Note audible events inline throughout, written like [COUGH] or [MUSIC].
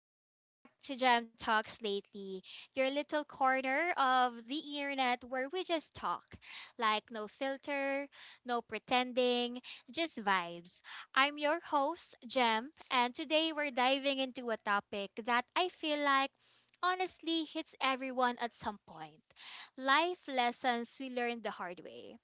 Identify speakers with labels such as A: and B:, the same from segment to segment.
A: Welcome back to Jam Talks Lately, your little corner of the internet where we just talk. Like, no filter, no pretending, just vibes. I'm your host, Jam, and today we're diving into a topic that I feel like honestly hits everyone at some point, life lessons we learned the hard way.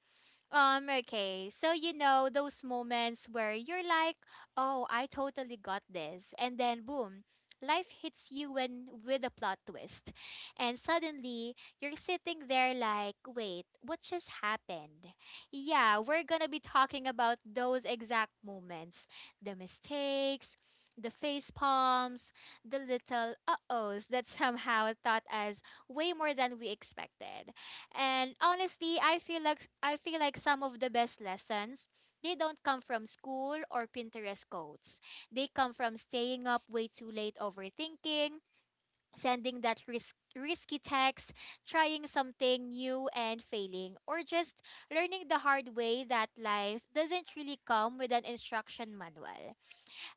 A: Okay. So those moments where you're like, oh, I totally got this. And then, boom, life hits with a plot twist. And suddenly, you're sitting there like, wait, what just happened? Yeah, we're gonna be talking about those exact moments, the mistakes, the face palms, the little ohs that [LAUGHS] somehow taught us way more than we expected. And honestly, I feel like some of the best lessons, they don't come from school or Pinterest quotes. They come from staying up way too late overthinking, sending that risky text, trying something new and failing, or just learning the hard way that life doesn't really come with an instruction manual.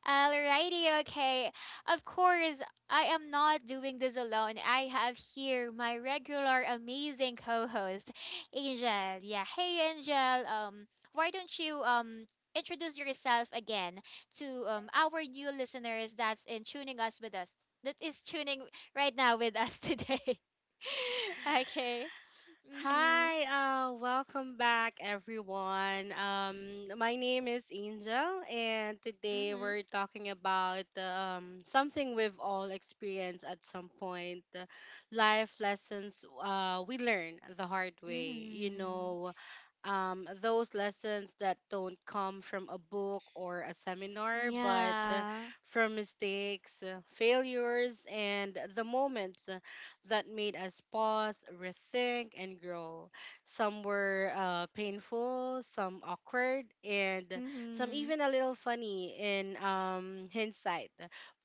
A: Alrighty, okay. Of course, I am not doing this alone. I have here my regular amazing co-host, Angel. Yeah, hey Angel. Why don't you introduce yourself again to our new listeners that's in tuning us with us that is tuning right now with us today. [LAUGHS] Okay. Mhm.
B: Hi, welcome back, everyone. My name is Angel, and today
A: Mhm.
B: we're talking about something we've all experienced at some point, life lessons we learn the hard way.
A: Mhm.
B: Those lessons that don't come from a book or a seminar, but
A: Yeah.
B: from mistakes, failures, and the moments that made us pause, rethink, and grow. Some were painful, some awkward, and some
A: Mhm.
B: even a little funny in hindsight.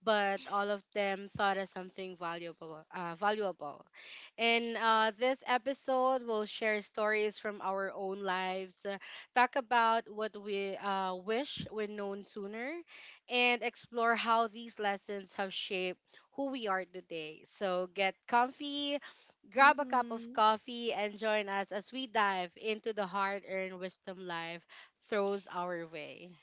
B: But all of them taught us something valuable. Valuable. In this episode, we'll share stories from our own lives, talk about what we wish we'd known sooner, and explore how these lessons have shaped who we are today. So get comfy, grab a cup of
A: Mhm.
B: coffee, and join us as we dive into the hard earned wisdom life throws our way.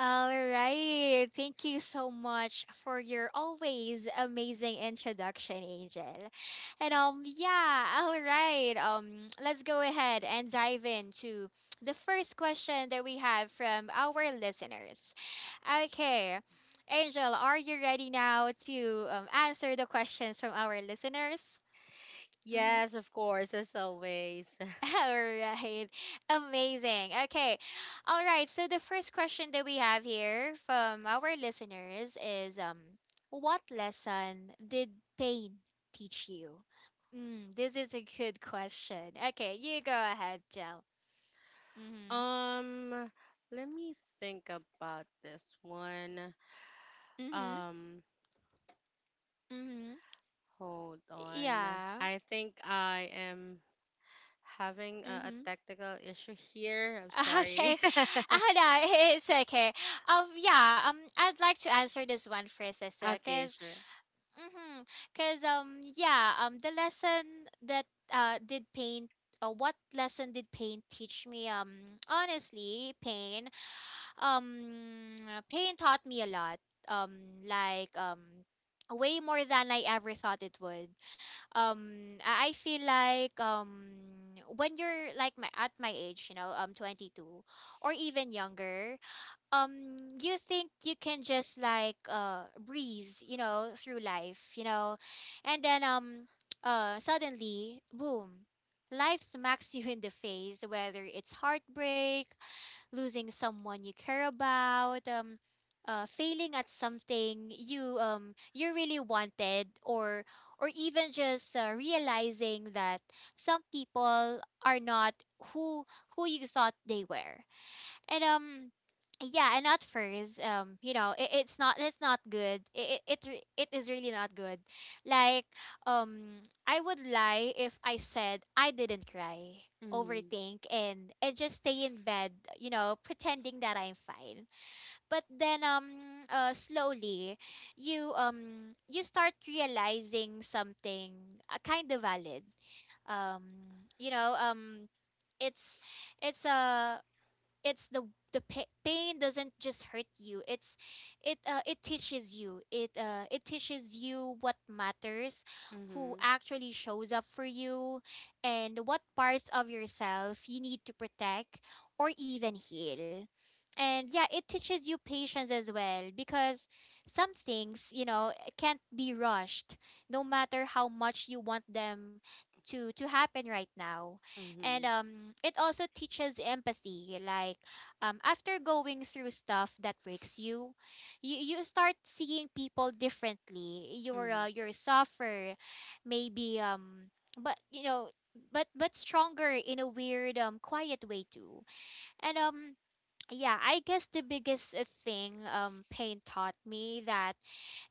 A: All right. Thank you so much for your always amazing introduction, Angel. And yeah, all right. Let's go ahead and dive into the first question that we have from our listeners. Okay. Angel, are you ready now to answer the questions from our listeners? Mm-hmm.
B: Yes, of course, as always.
A: [LAUGHS]
B: [LAUGHS]
A: All right. Amazing. Okay. All right. So the first question that we have here from our listeners is what lesson did pain teach you? Mm, this is a good question. Okay, you go ahead, Jill. Mhm.
B: Um, let me think about this one.
A: Mhm.
B: Um,
A: Mhm.
B: hold on.
A: Yeah.
B: I think I am having a
A: Mhm.
B: technical issue here. I'm
A: [LAUGHS]
B: sorry.
A: Okay. Ah, no, [LAUGHS] it's okay. Yeah. I'd like to answer this one first as
B: [LAUGHS]
A: well,
B: Okay,
A: cause,
B: sure.
A: Mm-hmm. cause yeah, the lesson that did pain what lesson did pain teach me? Honestly, pain, um pain taught me a lot, um like um way more than I ever thought it would. I feel like, when you're like my at my age, you know, 22 or even younger, um you think you can just like breeze, you know, through life, you know. And then, suddenly boom, life smacks you in the face, whether it's heartbreak, losing someone you care about, failing at something you, you really wanted, or even just realizing that some people are not who who you thought they were. And yeah, and at first, you know, it's not good. It is really not good. Like, um, I would lie if I said I didn't cry,
B: Mhm.
A: overthink, and just stay in bed, you know, pretending that I'm fine. But then, slowly, you, you start realizing something kind of valid. Um, you know, it's it's a it's the pa- pain doesn't just hurt you, it teaches you it it teaches you what matters, who
B: Mhm.
A: actually shows up for you, and what parts of yourself you need to protect or even heal. And yeah, it teaches you patience as well, because some things, you know, can't be rushed, no matter how much you want them to happen right now. And
B: Mhm.
A: it also teaches empathy. Like, after going through stuff that breaks you, you start seeing people differently. You're,
B: Mhm.
A: you're suffer, maybe, but you know, but stronger in a weird, quiet way too. And yeah, I guess the biggest thing pain taught me, that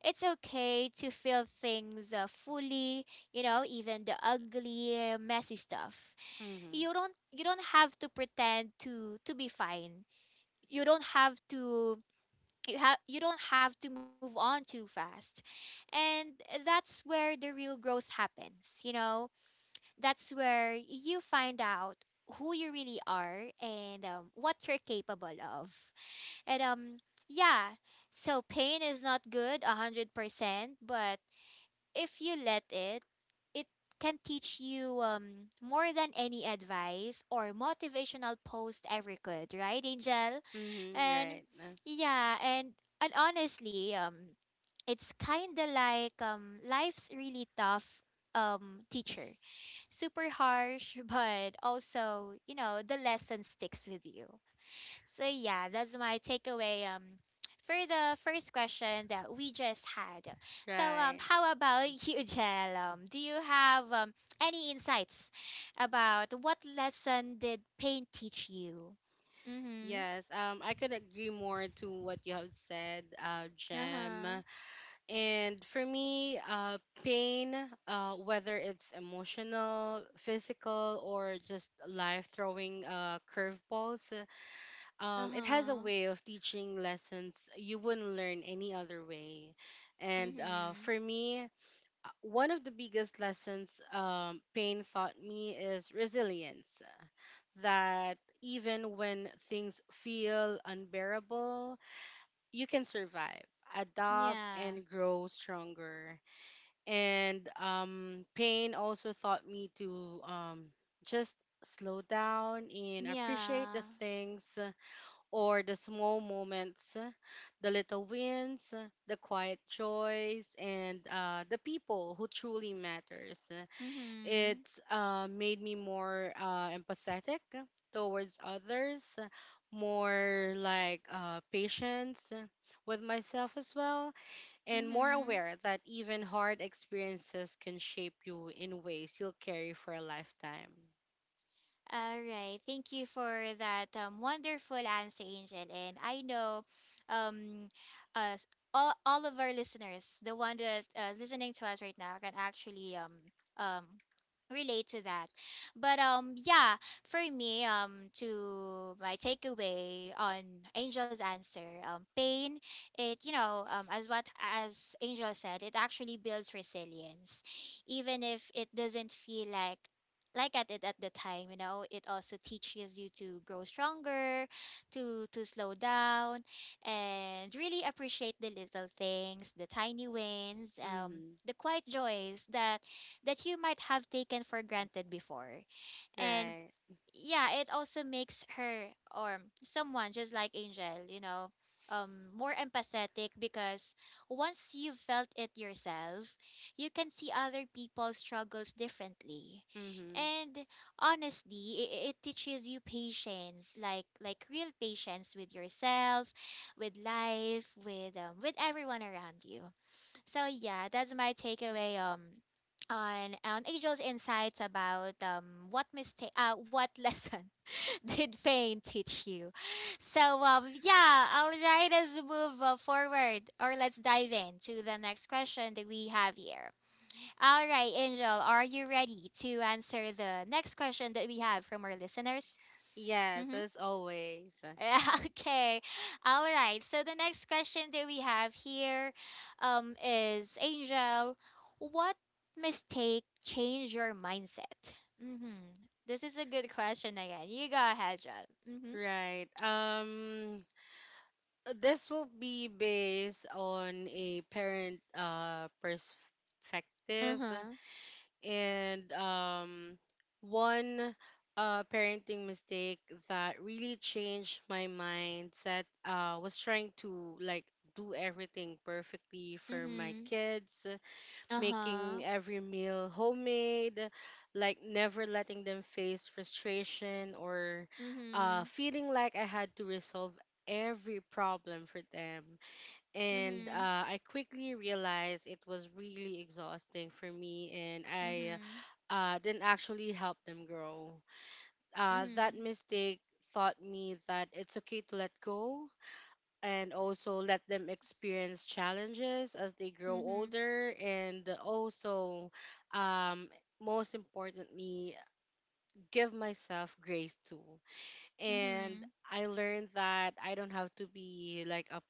A: it's okay to feel things fully. You know, even the ugly, messy stuff.
B: Mhm.
A: You don't have to pretend to be fine, you don't have to, you don't have to move on too fast. And that's where the real growth happens, you know, that's where you find out who you really are, and what you're capable of. And yeah, so pain is not good, 100%, but if you let it, it can teach you, more than any advice or motivational post ever could, right Angel?
B: Mhm.
A: And
B: Right.
A: yeah, and honestly, it's kinda like, life's really tough teacher. Super harsh, [LAUGHS] but also, you know, the lesson sticks with you. So yeah, that's my takeaway for the first question that we just had. So
B: Right.
A: how about [LAUGHS] you, Jel? Do you have any insights about what lesson did pain teach you? Mm-hmm.
B: Yes. I could agree more to what you have said, Jem.
A: Uh-huh.
B: And for me, pain, whether it's emotional, physical, or just life throwing curveballs, it has a
A: Uh-huh.
B: way of teaching lessons you wouldn't learn any other way. And
A: Mhm.
B: for me, one of the biggest lessons pain taught me is resilience. That even when things feel unbearable, you can survive, adapt,
A: Yeah.
B: and grow stronger, and pain also taught me to just slow down and appreciate the
A: Yeah.
B: things or the small moments, the little wins, the quiet joys, and the people who truly matters.
A: Mhm.
B: It's made me more empathetic towards others, more like patience with myself as well, and more
A: Mhm.
B: aware that even hard experiences can shape you in ways you'll carry for a lifetime.
A: All right. Thank you for that wonderful answer, Angel. And I know, um, uh, s- all of our listeners, the one that listening to us right now, can actually, um, relate to that. But yeah, for me, to my takeaway on Angel's answer, pain, it, you know, as what as Angel said, it actually builds resilience, even if it doesn't feel like at it at the time, you know. It also teaches you to grow stronger, to slow down, and really appreciate the little things, the tiny wins,
B: Mm-hmm.
A: the quiet joys that you might have taken for granted before. And
B: Right.
A: yeah, it also makes her, or someone just like Angel, you know, more empathetic, because once you've felt it yourself, you can see other people's struggles differently.
B: Mm-hmm.
A: And honestly, it teaches you patience, like, real patience with yourself, with life, with everyone around you. So yeah, that's my takeaway on Angel's insights about what mistake what [LAUGHS] lesson did pain teach you. So yeah, all right, let's move forward, or let's dive into the next question that we have here. All right, Angel, are you ready to answer the next question that we have from our listeners?
B: Yes,
A: Mm-hmm.
B: as always.
A: [LAUGHS] Okay. All right. So the next question that we have here, is, Angel, what mistake changed your mindset? Mm-hmm. This is a good question again. You go ahead, John. Mm-hmm.
B: Right. This will be based on a parent
A: Uh
B: perspective.
A: huh.
B: And one parenting mistake that really changed my mindset was trying to like do everything perfectly for my
A: Mm-hmm.
B: kids,
A: Uh-huh.
B: making every meal homemade, like never letting them face frustration or
A: Mm-hmm.
B: feeling like I had to resolve every problem for them, and
A: Mm-hmm.
B: I quickly realized it was really exhausting for me, and I
A: Mm-hmm.
B: didn't actually help them grow. That mistake taught me that it's okay to let go and also let them experience challenges as they grow
A: Mm-hmm. Mm-hmm.
B: older, and also um, most importantly give myself grace too, and
A: Mm-hmm.
B: I learned that I don't have to be like a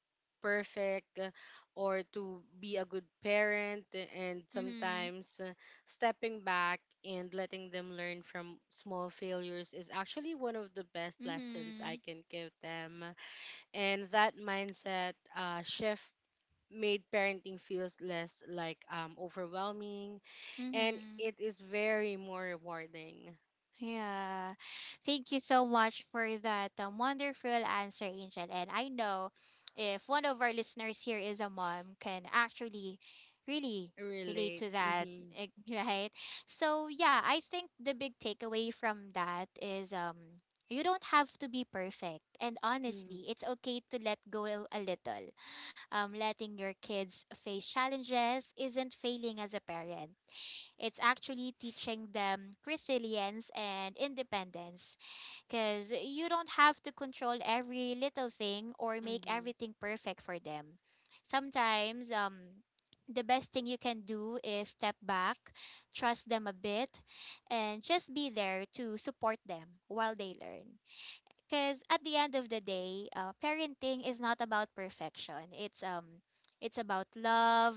B: perfect or to be a good parent, and
A: Mm-hmm.
B: sometimes stepping back and letting them learn from small failures is actually one of the best lessons I
A: Mm-hmm.
B: can give them, and that mindset shift made parenting feels less like overwhelming, and
A: Mm-hmm.
B: it is very more rewarding.
A: Yeah. Thank you so much for that wonderful answer, Angel. And I know, if one of our listeners here is a mom, can actually really relate
B: Relate.
A: to that,
B: Mm-hmm.
A: eh, [LAUGHS] right? So, yeah, I think the big takeaway from that is, you don't have to be perfect. And
B: Mm-hmm.
A: honestly, it's okay to let go a little. Letting your kids face challenges isn't failing as a parent. It's actually teaching them resilience and independence, because you don't have to control every little thing or make
B: Mm-hmm.
A: everything perfect for them. Sometimes, the best thing you can do is step back, trust them a bit, and just be there to support them while they learn, because at the end of the day, parenting is not about perfection. It's about love,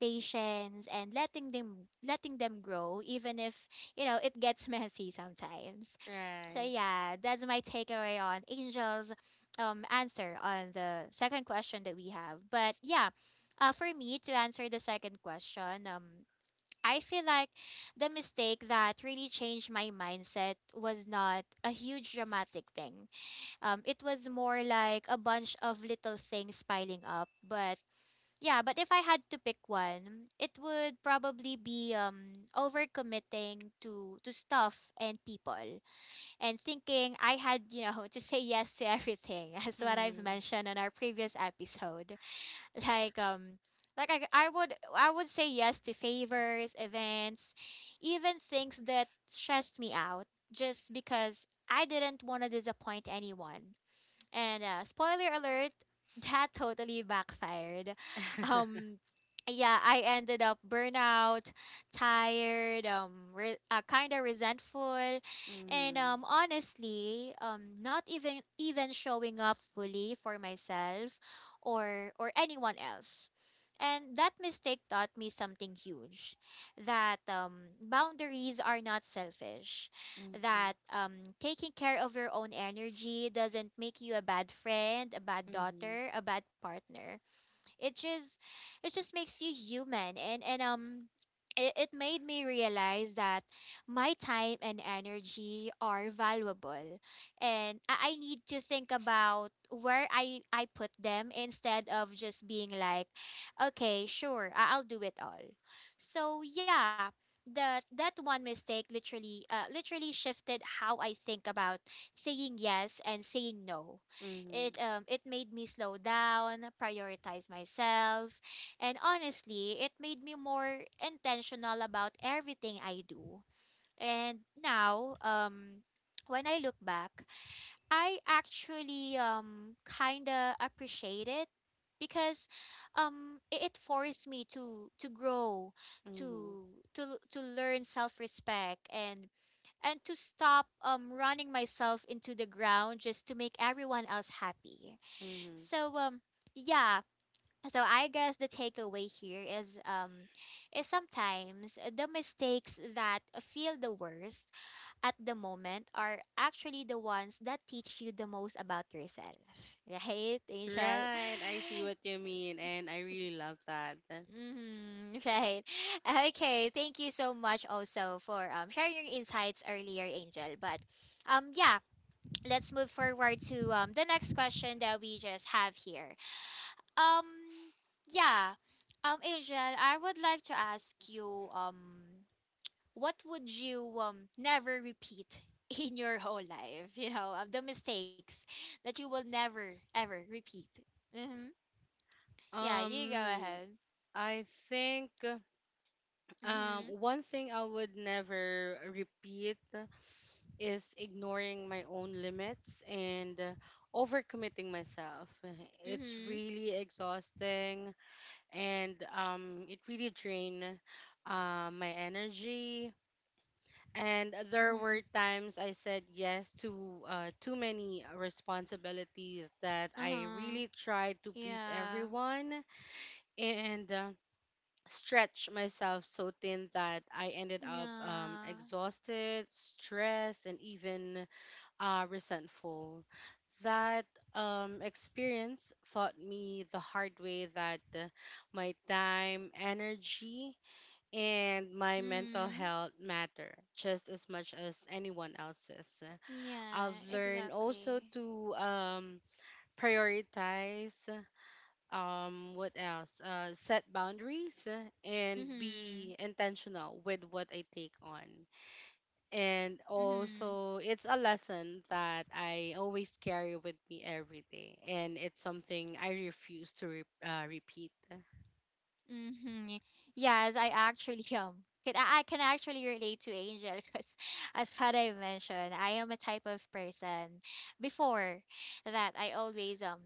A: patience, and letting them grow, even if, you know, it gets [LAUGHS] messy sometimes. So
B: Right.
A: yeah, that's my takeaway on Angel's answer on the second question that we have. But yeah, for me to answer the second question, I feel like the mistake that really changed my mindset was not a huge dramatic thing. It was more like a bunch of little things piling up. But yeah, but if I had to pick one, it would probably be overcommitting to stuff and people, and thinking I had, you know, [LAUGHS] to say yes to everything, [LAUGHS] as what I've
B: Mhm.
A: mentioned on our previous episode. [LAUGHS] Like, I would say yes to favors, events, even things that stressed me out just because I didn't want to disappoint anyone. And spoiler alert, [LAUGHS] that totally backfired. Um, yeah, I ended up burnout, tired, kind of resentful, and
B: Mhm.
A: honestly, not even showing up fully for myself, or anyone else. And that mistake taught me something huge, that boundaries are not selfish, that
B: Mhm.
A: taking care of your own energy doesn't make you a bad friend, a bad
B: Mhm.
A: daughter, a bad partner. It just it just makes you human and it made me realize that my time and energy are valuable and I need to think about where I put them instead of just being like okay sure I'll do it all. So yeah, that one mistake literally shifted how I think about saying yes and saying no. it
B: Mhm.
A: um it made me slow down, prioritize myself, and honestly, it made me more intentional about everything I do. And now, when I look back, I actually kind of appreciate it because it forced me to grow,
B: Mhm.
A: to to learn self-respect, and to stop running myself into the ground just to make everyone else happy.
B: Mhm. [LAUGHS]
A: So um yeah, so I guess the takeaway here is sometimes the mistakes that feel the worst at the moment are actually the ones that teach you the most about yourself. [LAUGHS] Right, Angel?
B: Right. I see what you mean, and I really love that.
A: Mm-hmm, [LAUGHS] right. Okay, thank you so much also for sharing your insights earlier, Angel. But yeah, let's move forward to the next question that we just have here. Um, yeah. Um, Angel, I would like to ask you, what would you never repeat [LAUGHS] in your whole life? You know, of the mistakes that you will never ever repeat. Mm-hmm. Yeah, you go
B: Um,
A: ahead.
B: I think
A: Mm-hmm.
B: one thing I would never repeat is ignoring my own limits and overcommitting myself. It's
A: Mm-hmm.
B: really exhausting, and it really drain my energy. And there
A: Mm-hmm.
B: were times I said yes to too many responsibilities that I
A: Uh-huh.
B: really tried to please
A: Yeah.
B: everyone, and stretch myself so thin that I ended up
A: Yeah.
B: exhausted, stressed, and even resentful. That experience taught me the hard way that my time, energy, and my mental
A: Mm.
B: health matter just as much as anyone else's. I've
A: Yeah,
B: learned also
A: exactly.
B: to prioritize, what else set boundaries and
A: Mm-hmm.
B: be intentional with what I take on, and
A: Mm-hmm.
B: also it's a lesson that I always carry with me every day, and it's something I refuse to repeat.
A: Mm-hmm. Yes, I actually [LAUGHS] can I can actually relate to Angel because [LAUGHS] as what I mentioned, I am a type of person before that I always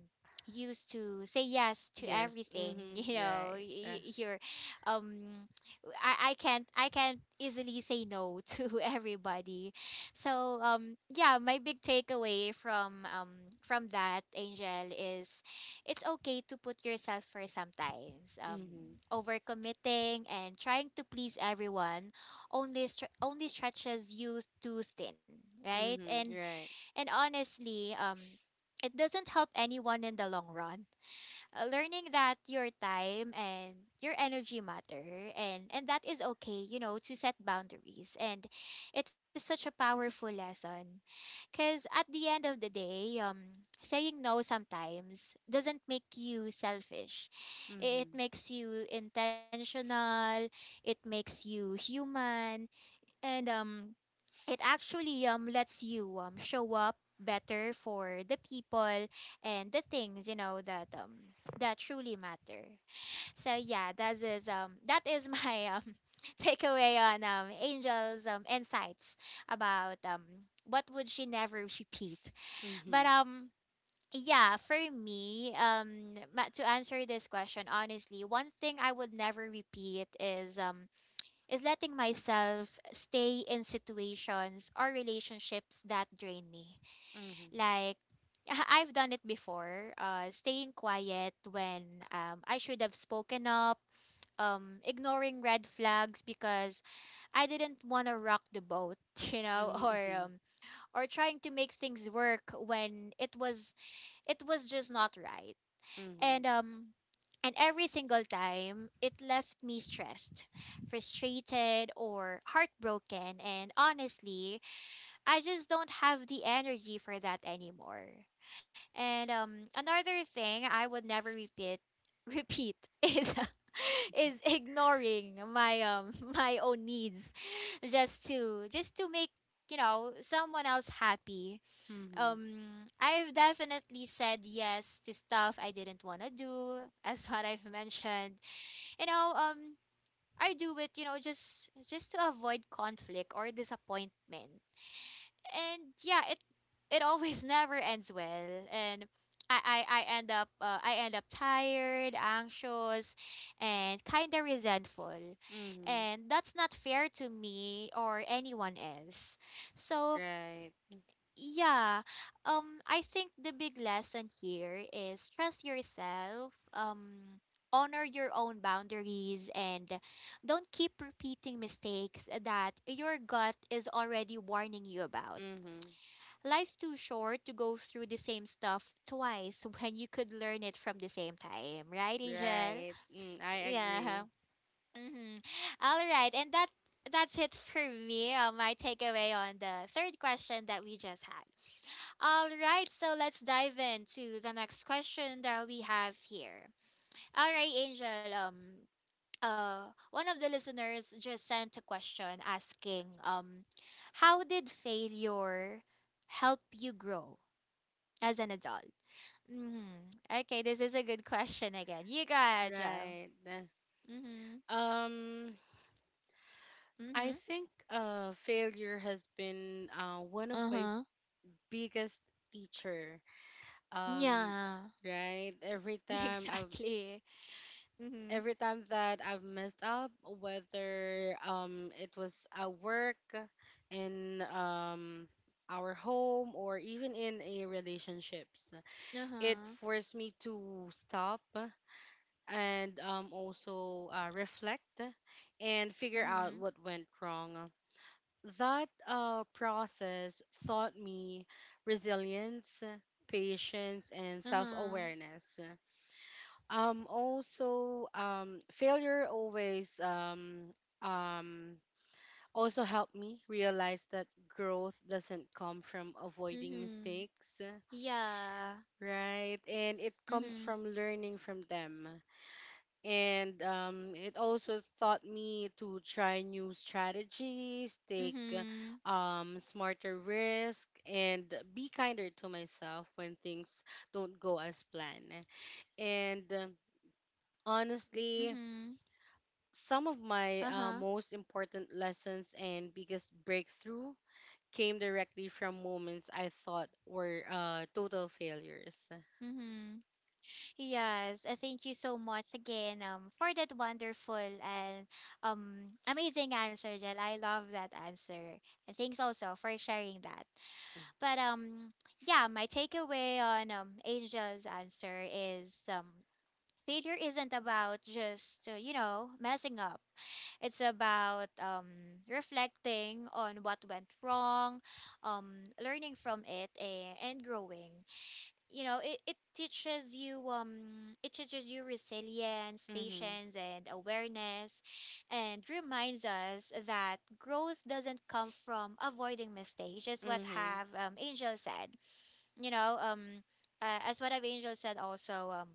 A: used to say yes to
B: Yes.
A: everything. [LAUGHS]
B: Mhm.
A: You know,
B: Right.
A: you're um I can't easily say no [LAUGHS] to everybody. So yeah, my big takeaway from that Angel is it's okay to put yourself first sometimes.
B: Mhm.
A: Overcommitting and trying to please everyone only stretches you too thin, right? And
B: Mhm. Right.
A: and honestly, it doesn't help anyone in the long run. Learning that your time and your energy matter and that is okay, you know, to set boundaries, and it is such a powerful lesson, because at the end of the day, saying no sometimes doesn't make you selfish. It
B: Mhm.
A: makes you intentional, it makes you human, and it actually lets you show up better for the people and the things, you know, that truly matter. So yeah, that is my [LAUGHS] takeaway on Angel's insights about what would she never repeat. But
B: Mhm.
A: yeah, for me, to answer this question honestly, one thing I would never repeat is letting myself stay in situations or relationships that drain me.
B: Mhm.
A: Like, [LAUGHS] I've done it before, staying quiet when I should have spoken up, ignoring red flags because I didn't want to rock the boat, [LAUGHS] you know, or
B: Mhm.
A: um, or trying to make things work when it was just not right.
B: Mhm.
A: And um and every single time, it left me stressed, frustrated, or heartbroken. And honestly, I just don't have the energy for that anymore. And another thing I would never repeat [LAUGHS] repeat is [LAUGHS] is ignoring my [LAUGHS] my own needs just to make, you know, someone else happy.
B: Mhm.
A: I've definitely said yes to stuff I didn't want to do, [LAUGHS] as what I've mentioned. You know, I do it, you know, just to avoid conflict or disappointment. And yeah, it always [LAUGHS] never ends well. And I end up I end up tired, anxious, and kind of resentful.
B: Mhm.
A: And that's not fair to me or anyone else. So
B: Right.
A: yeah. I think the big lesson here is trust yourself, honor your own boundaries, and don't keep repeating mistakes that your gut is already warning you about.
B: Mhm.
A: Life's too short to go through the same stuff twice [LAUGHS] when you could learn it from the same time, right, Angel?
B: Right. Mm, I
A: Yeah.
B: agree.
A: [LAUGHS] Mm-hmm. All right, and that's it for me. My takeaway on the third question that we just had. All right, so let's dive into the next question that we have here. All right, Angel. Uh, One of the listeners just sent a question asking, how did failure help you grow as an adult? Mm-hmm. Okay, this is a good question again. You got it, Joe.
B: Right.
A: Mm-hmm.
B: Um, I
A: Mm-hmm.
B: think failure has been one of my
A: Uh-huh.
B: biggest teacher. Um,
A: Yeah. [LAUGHS]
B: right?
A: Exactly. Mm-hmm.
B: Every time that I've messed up, whether it was at work, in our home, or even in a relationships, it
A: Uh-huh.
B: forced me to stop and also reflect and figure out
A: Mm-hmm.
B: what went wrong. That process taught me resilience, patience, and self
A: Uh-huh.
B: awareness. Also failure always um Also helped me realize that growth doesn't come from avoiding
A: Mm-hmm.
B: mistakes,
A: Yeah.
B: right, and it comes
A: Mhm.
B: from learning from them. And it also taught me to try new strategies, take
A: Mhm.
B: smarter risk, and be kinder to myself when things don't go as planned. And honestly,
A: Mhm.
B: some of my
A: Uh-huh.
B: most important lessons and biggest breakthrough came directly from moments I thought were total failures.
A: Mhm. Yes, thank you so much again for that wonderful and amazing answer, Jel. I love that answer. And thanks also for sharing that. But yeah, my takeaway on Angel's answer is failure isn't about just, you know, messing up. It's about reflecting on what went wrong, learning from it, and growing. You know, it teaches you it teaches you resilience,
B: Mm-hmm.
A: patience, and awareness, and reminds us that growth doesn't come from avoiding mistakes. Just what
B: Mm-hmm.
A: have Angel said. You know, as what have Angel said also.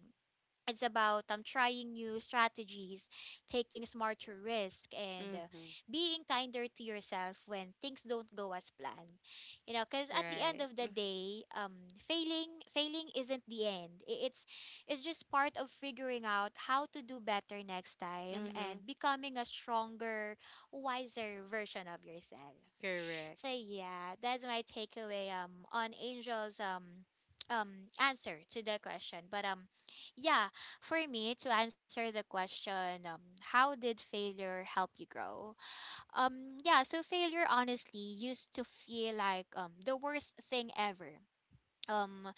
A: It's about trying new strategies, taking smarter risk, and
B: Mm-hmm.
A: being kinder to yourself when things don't go as planned. You know, because at the end
B: Right.
A: of the day, failing isn't the end. It's just part of figuring out how to do better next time
B: Mm-hmm.
A: and becoming a stronger, wiser version of yourself.
B: Correct.
A: So yeah, that's my takeaway on Angel's answer to the question. But yeah, for me, to answer the question, how did failure help you grow? Yeah, so failure honestly used to feel like the worst thing ever. um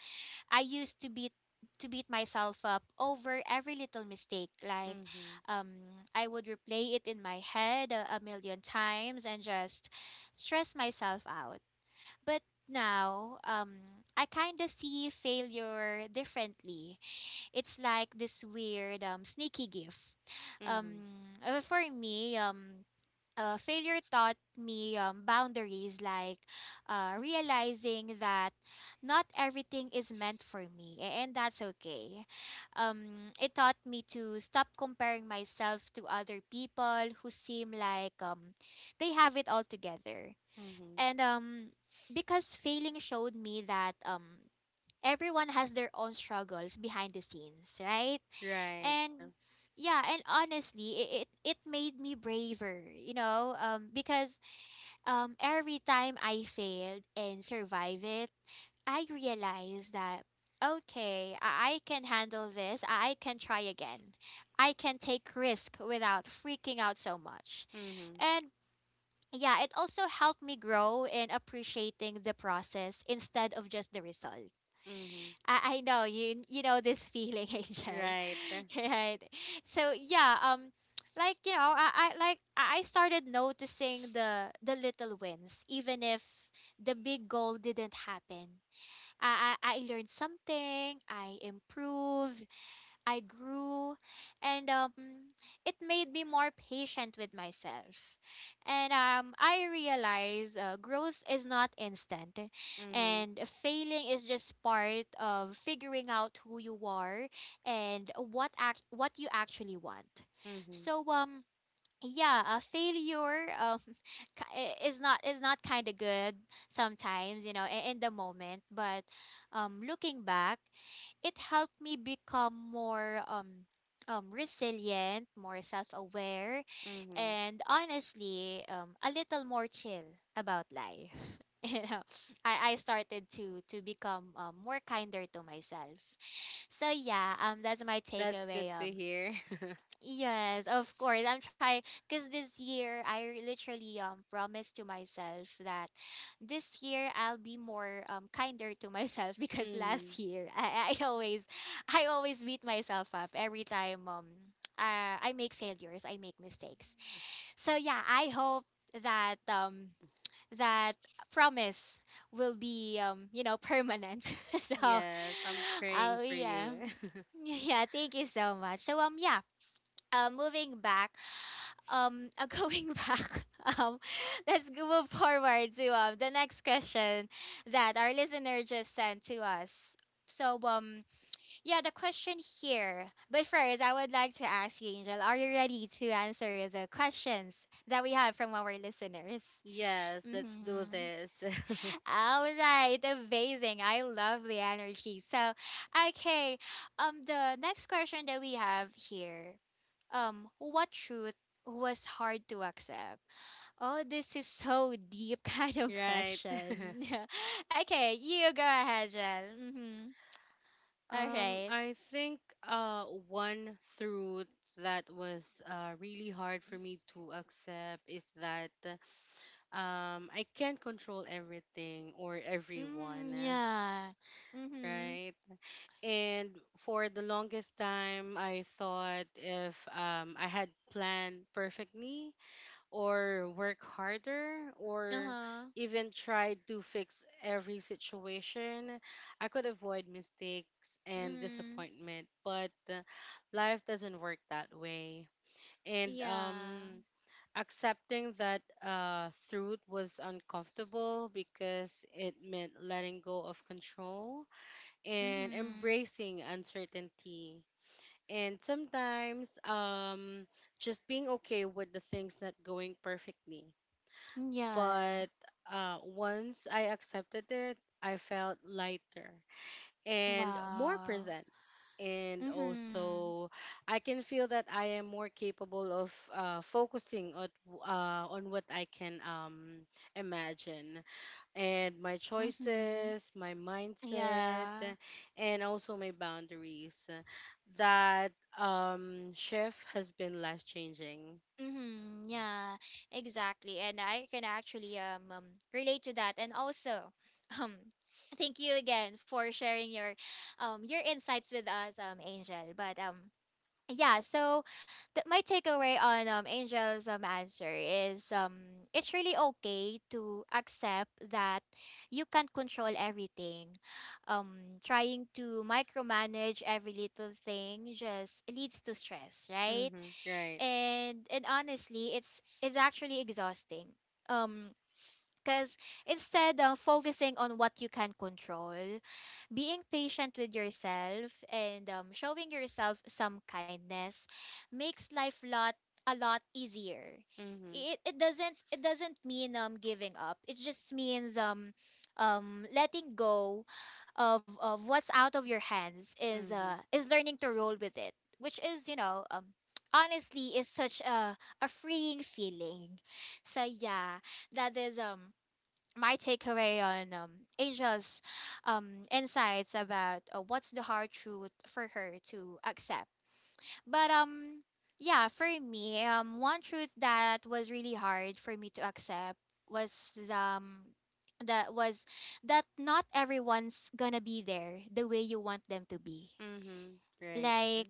A: I used to beat myself up over every little mistake, like
B: Mm-hmm.
A: um I would replay it in my head a million times and just stress myself out. But now, I kind of see failure differently. It's like this weird sneaky gift. Um
B: Mm-hmm.
A: for me, failure taught me, boundaries, like realizing that not everything is meant for me, and that's okay. It taught me to stop comparing myself to other people who seem like, they have it all together,
B: Mm-hmm.
A: and because failing showed me that, everyone has their own struggles behind the scenes, right?
B: Right.
A: And yeah, and honestly, it made me braver, you know, because every time I failed and survive it, I realized that, okay, I can handle this, I can try again, I can take risk without freaking out so much.
B: Mm-hmm.
A: And yeah, it also helped me grow in appreciating the process instead of just the result.
B: Mm-hmm.
A: I know you know this feeling, [LAUGHS] Angel,
B: Right.
A: [LAUGHS] right? So yeah, like, you know, I like I started noticing the little wins, even if the big goal didn't happen. I learned something, I improved, I grew, and it made me more patient with myself. And I realize, growth is not instant,
B: Mm-hmm.
A: and failing is just part of figuring out who you are and what you actually want.
B: Mm-hmm.
A: So yeah, a failure, [LAUGHS] is not kind of good sometimes, you know, in the moment, but looking back, it helped me become more resilient, more self-aware,
B: Mm-hmm.
A: and honestly, a little more chill about life, [LAUGHS] you know. I started to become, more kinder to myself. So yeah, that's my
B: That's good
A: takeaway
B: to hear.
A: yes, of course. I'm trying, because this year literally promised to myself that this year I'll be more kinder to myself [LAUGHS]
B: [LAUGHS]
A: because
B: Mm-hmm.
A: last year, I always I always beat myself up every time I make failures, I make mistakes. So yeah, I hope that that promise will be you know, permanent. [LAUGHS] So
B: Yes, I'm praying
A: oh
B: for you.
A: yeah.
B: [LAUGHS]
A: [LAUGHS] Yeah, thank you so much. So yeah, moving back, [LAUGHS] going back, [LAUGHS] um, let's move forward to the next question that our listener just sent to us. So, yeah, the question here. But first, I would like to ask you, Angel, are you ready to answer the questions that we have from our listeners?
B: Yes, let's do
A: Mm-hmm.
B: this. [LAUGHS]
A: All right, amazing. I love the energy. So, okay, the next question that we have here, what truth was hard to accept? Oh, this is so deep [LAUGHS] kind of
B: Right.
A: question.
B: [LAUGHS]
A: [LAUGHS] Okay, you go ahead, Jen. Mm-hmm. All right.
B: I think uh one truth that was really hard for me to accept is that I can't control everything or everyone,
A: Mm, yeah. Mm-hmm.
B: right? And for the longest time I thought if I had planned perfectly or work harder or
A: Uh-huh.
B: even try to fix every situation, I could avoid mistakes and
A: Mm-hmm.
B: disappointment. But life doesn't work that way. And
A: Yeah.
B: accepting that truth was uncomfortable because it meant letting go of control and
A: Mm-hmm.
B: embracing uncertainty. And sometimes just being okay with the things not going perfectly
A: Yeah.
B: but once I accepted it, I felt lighter and more
A: Wow.
B: present. And
A: Mm-hmm.
B: also, I can feel that I am more capable of focusing on what I can imagine, and my
A: Mm-hmm.
B: choices, my mindset,
A: Yeah.
B: and also my boundaries. That shift has been life changing.
A: Mm-hmm. Yeah, exactly. And I can actually relate to that. And also, [LAUGHS] um, thank you again for sharing your insights with us, Angel. But yeah, so my takeaway on Angel's answer is it's really okay to accept that you can't control everything. Trying to micromanage every little thing just leads to stress, right?
B: Mm-hmm, right.
A: And honestly, it's actually exhausting. Um, because instead of focusing on what you can control, being patient with yourself and showing yourself some kindness makes life lot a lot easier.
B: Mm-hmm,
A: It doesn't mean giving up. It just means letting go of what's out of your hands,
B: mm-hmm.
A: is learning to roll with it, which is honestly is such a freeing feeling. So yeah, that is my takeaway on Asia's insights about what's the hard truth for her to accept. But yeah, for me, one truth that was really hard for me to accept was um, was that not everyone's gonna be there the way you want them to be.
B: Mhm. Right.
A: Like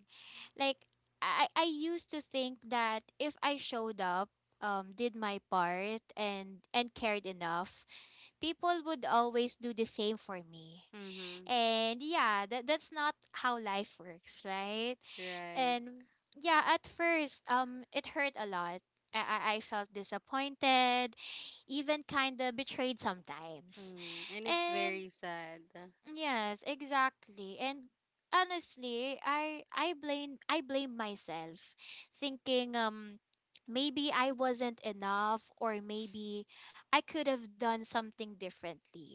A: like I used to think that if I showed up, did my part and cared enough, people would always do the same for me.
B: Mhm.
A: And yeah, that's not how life works, right?
B: Right.
A: And yeah, at first, it hurt a lot. I felt disappointed, even kind of betrayed sometimes.
B: Mhm. And it's
A: And
B: very sad.
A: Yes, exactly. And honestly, I blame myself, thinking maybe I wasn't enough, or maybe I could have done something differently.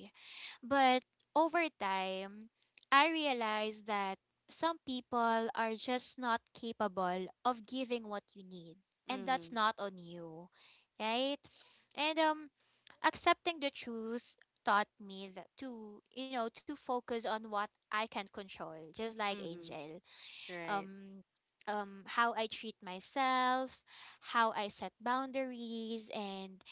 A: But over time, I realized that some people are just not capable of giving what you need, and that's
B: Mhm.
A: not on you, right? And accepting the truth taught me that to, you know, to focus on what I can control, just like
B: Mhm.
A: Angel.
B: Right.
A: Um, how I treat myself, how I set boundaries, and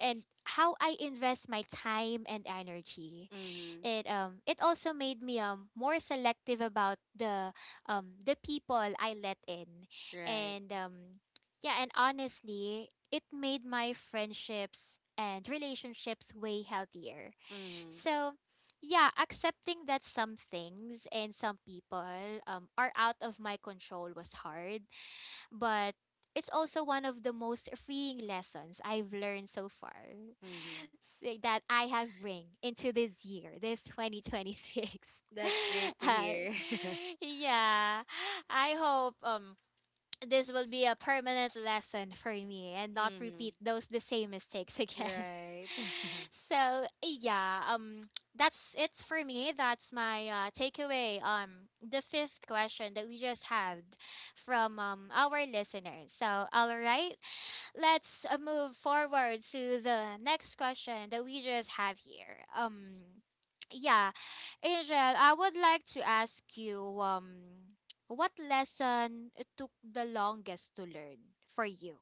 A: how I invest my time and energy.
B: Mhm.
A: It also made me more selective about the people I let in.
B: Right.
A: And yeah, and honestly, it made my friendships and relationships way healthier.
B: Mhm.
A: So yeah, accepting that some things and some people are out of my control was hard, but it's also one of the most freeing lessons I've learned so far.
B: Mhm.
A: [LAUGHS] Say that I have bring into this year, this 2026.
B: That's great
A: [LAUGHS]
B: to
A: uh,
B: hear. [LAUGHS]
A: yeah, I hope this will be a permanent lesson for me and not
B: mhm.
A: repeat those the same mistakes again.
B: Right.
A: [LAUGHS]
B: [LAUGHS]
A: So yeah, that's it for me. That's my takeaway. The fifth question that we just had from our listeners. So all right, let's move forward to the next question that we just have here. Yeah, Angel, I would like to ask you, what lesson took the longest to learn for you?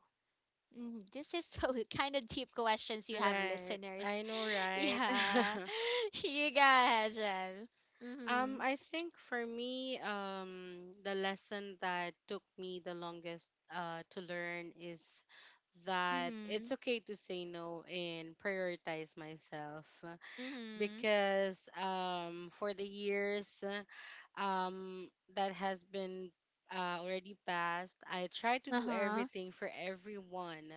A: Mm, this is so [LAUGHS] kind of deep questions you have,
B: right.
A: listeners.
B: I know,
A: [LAUGHS]
B: right?
A: Yeah,
B: [LAUGHS]
A: [LAUGHS] you go ahead, Angel. Mm-hmm.
B: I think for me, the lesson that took me the longest to learn is that
A: Mm-hmm.
B: it's okay to say no and prioritize myself,
A: Mm-hmm.
B: because for the years that has been already passed, I try to do
A: Uh-huh.
B: everything for everyone,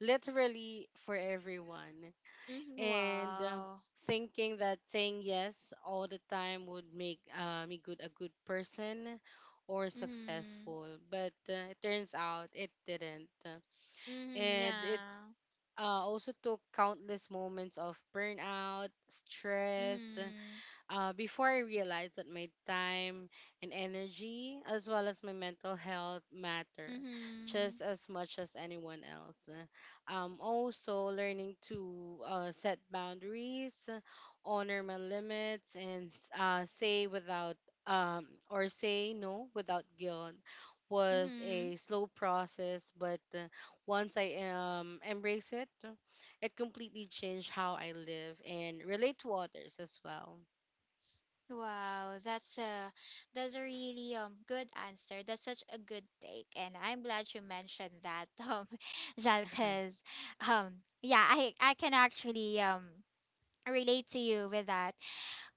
B: literally for everyone,
A: Mm-hmm.
B: and
A: Wow.
B: thinking that saying yes all the time would make me good a good person or
A: Mm-hmm.
B: successful, but it turns out it didn't,
A: Mm-hmm.
B: and it
A: Yeah.
B: also took countless moments of burnout stress
A: Mm-hmm.
B: before I realized that my time and energy, as well as my mental health, matter
A: Mm-hmm.
B: just as much as anyone else. Also, learning to set boundaries, honor my limits, and uh, say without say no without guilt was
A: Mm-hmm.
B: a slow process, but once I embrace it, it completely changed how I live and relate to others as well.
A: Wow, that's a really good answer. That's such a good take, and I'm glad you mentioned that, [LAUGHS] Zal,
B: Mm-hmm.
A: because yeah, I can actually relate to you with that.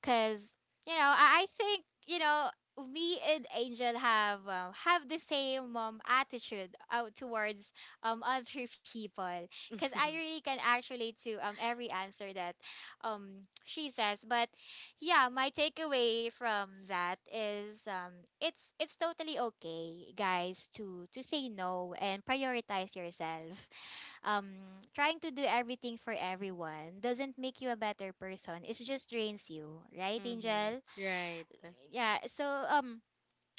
A: Because you know, I think, you know, me and Angel have the same attitude out towards other people, because I really can actually to every answer that she says. But yeah, my takeaway from that is it's totally okay, guys, to say no and prioritize yourself. Trying to do everything for everyone doesn't make you a better person. It just drains you, right,
B: Mm-hmm.
A: Angel?
B: [LAUGHS] Right.
A: Yeah. So um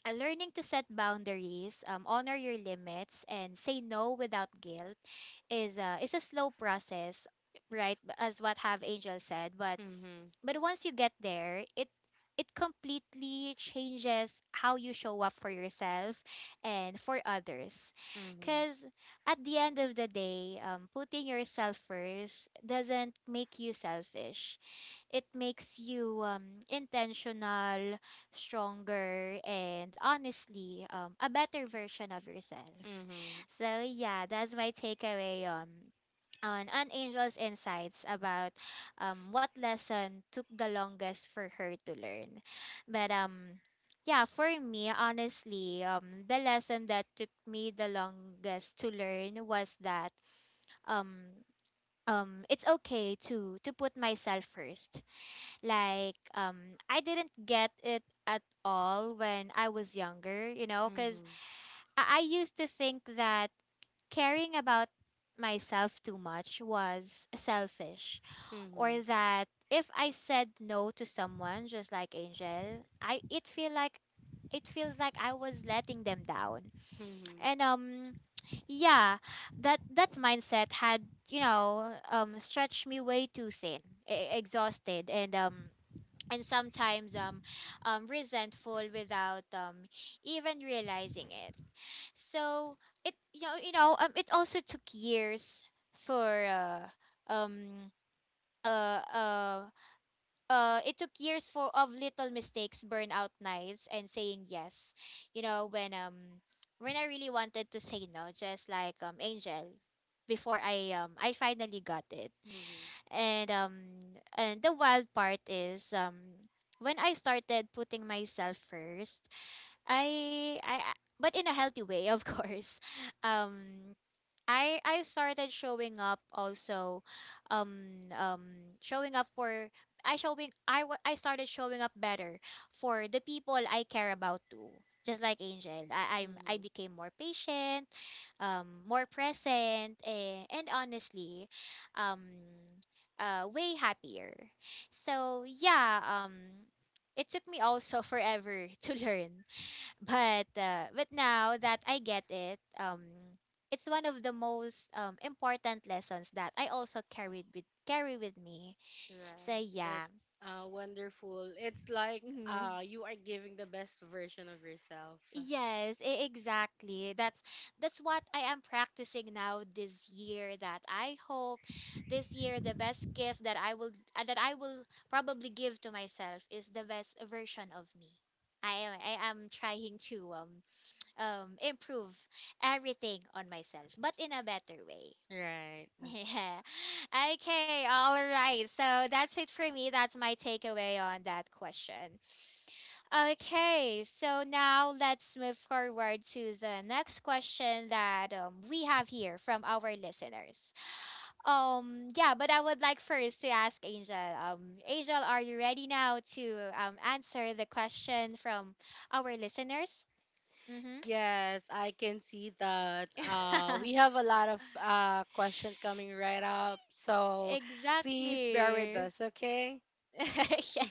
A: uh, learning to set boundaries, honor your limits, and say no without guilt is a slow process, right? As what Have Angel said, but
B: Mm-hmm.
A: once you get there, it completely changes how you show up for yourself and for others.
B: Mm-hmm.
A: Cause at the end of the day, putting yourself first doesn't make you selfish, it makes you intentional, stronger, and honestly, a better version of yourself.
B: Mm-hmm.
A: [LAUGHS] So yeah, that's my takeaway on an angel's insights about what lesson took the longest for her to learn. But yeah, for me, honestly, the lesson that took me the longest to learn was that um it's okay to put myself first. Like, I didn't get it at all when I was younger, you know, because
B: Mm-hmm.
A: I used to think that caring about myself too much was selfish, or
B: Mm-hmm.
A: that if I said no to someone, just like Angel, I it feel like it feels like I was letting them down.
B: Mm-hmm.
A: And yeah, that that mindset had, you know, stretched me way too thin, exhausted, and sometimes resentful without even realizing it. So it you know, it also took years for um uh, uh, it took years for of little mistakes, burnout nights, and saying yes. You know, when I really wanted to say no, just like Angel, before I finally got it.
B: Mm-hmm.
A: And and the wild part is when I started putting myself first, but in a healthy way, of course. [LAUGHS] Um I started showing up also, showing up for I showing I wa- I started showing up better for the people I care about too. Just like Angel, I
B: Mm-hmm.
A: became more patient, more present, and honestly, um way happier. So yeah, it took me also [LAUGHS] forever to learn, but now that I get it, it's one of the most important lessons that I also carried with carry with me. So
B: Right.
A: yeah,
B: That's wonderful. It's like
A: hmm,
B: you are giving the best version of yourself.
A: yes, exactly. That's what I am practicing now this year. That I hope this year the best gift that I will probably give to myself is the best version of me. I am trying to improve everything on myself, but in a better way.
B: Right.
A: [LAUGHS] Yeah. Okay, all right. So that's it for me. That's my takeaway on that question. Okay, so now let's move forward to the next question that we have here from our listeners. Yeah, but I would like first to ask Angel. Angel, are you ready now to answer the question from our listeners? Mm-hmm.
B: Yes, I can see that.
A: [LAUGHS]
B: We have a lot of question coming right up, so please bear with
A: Exactly.
B: us, okay?
A: [LAUGHS] Yeah.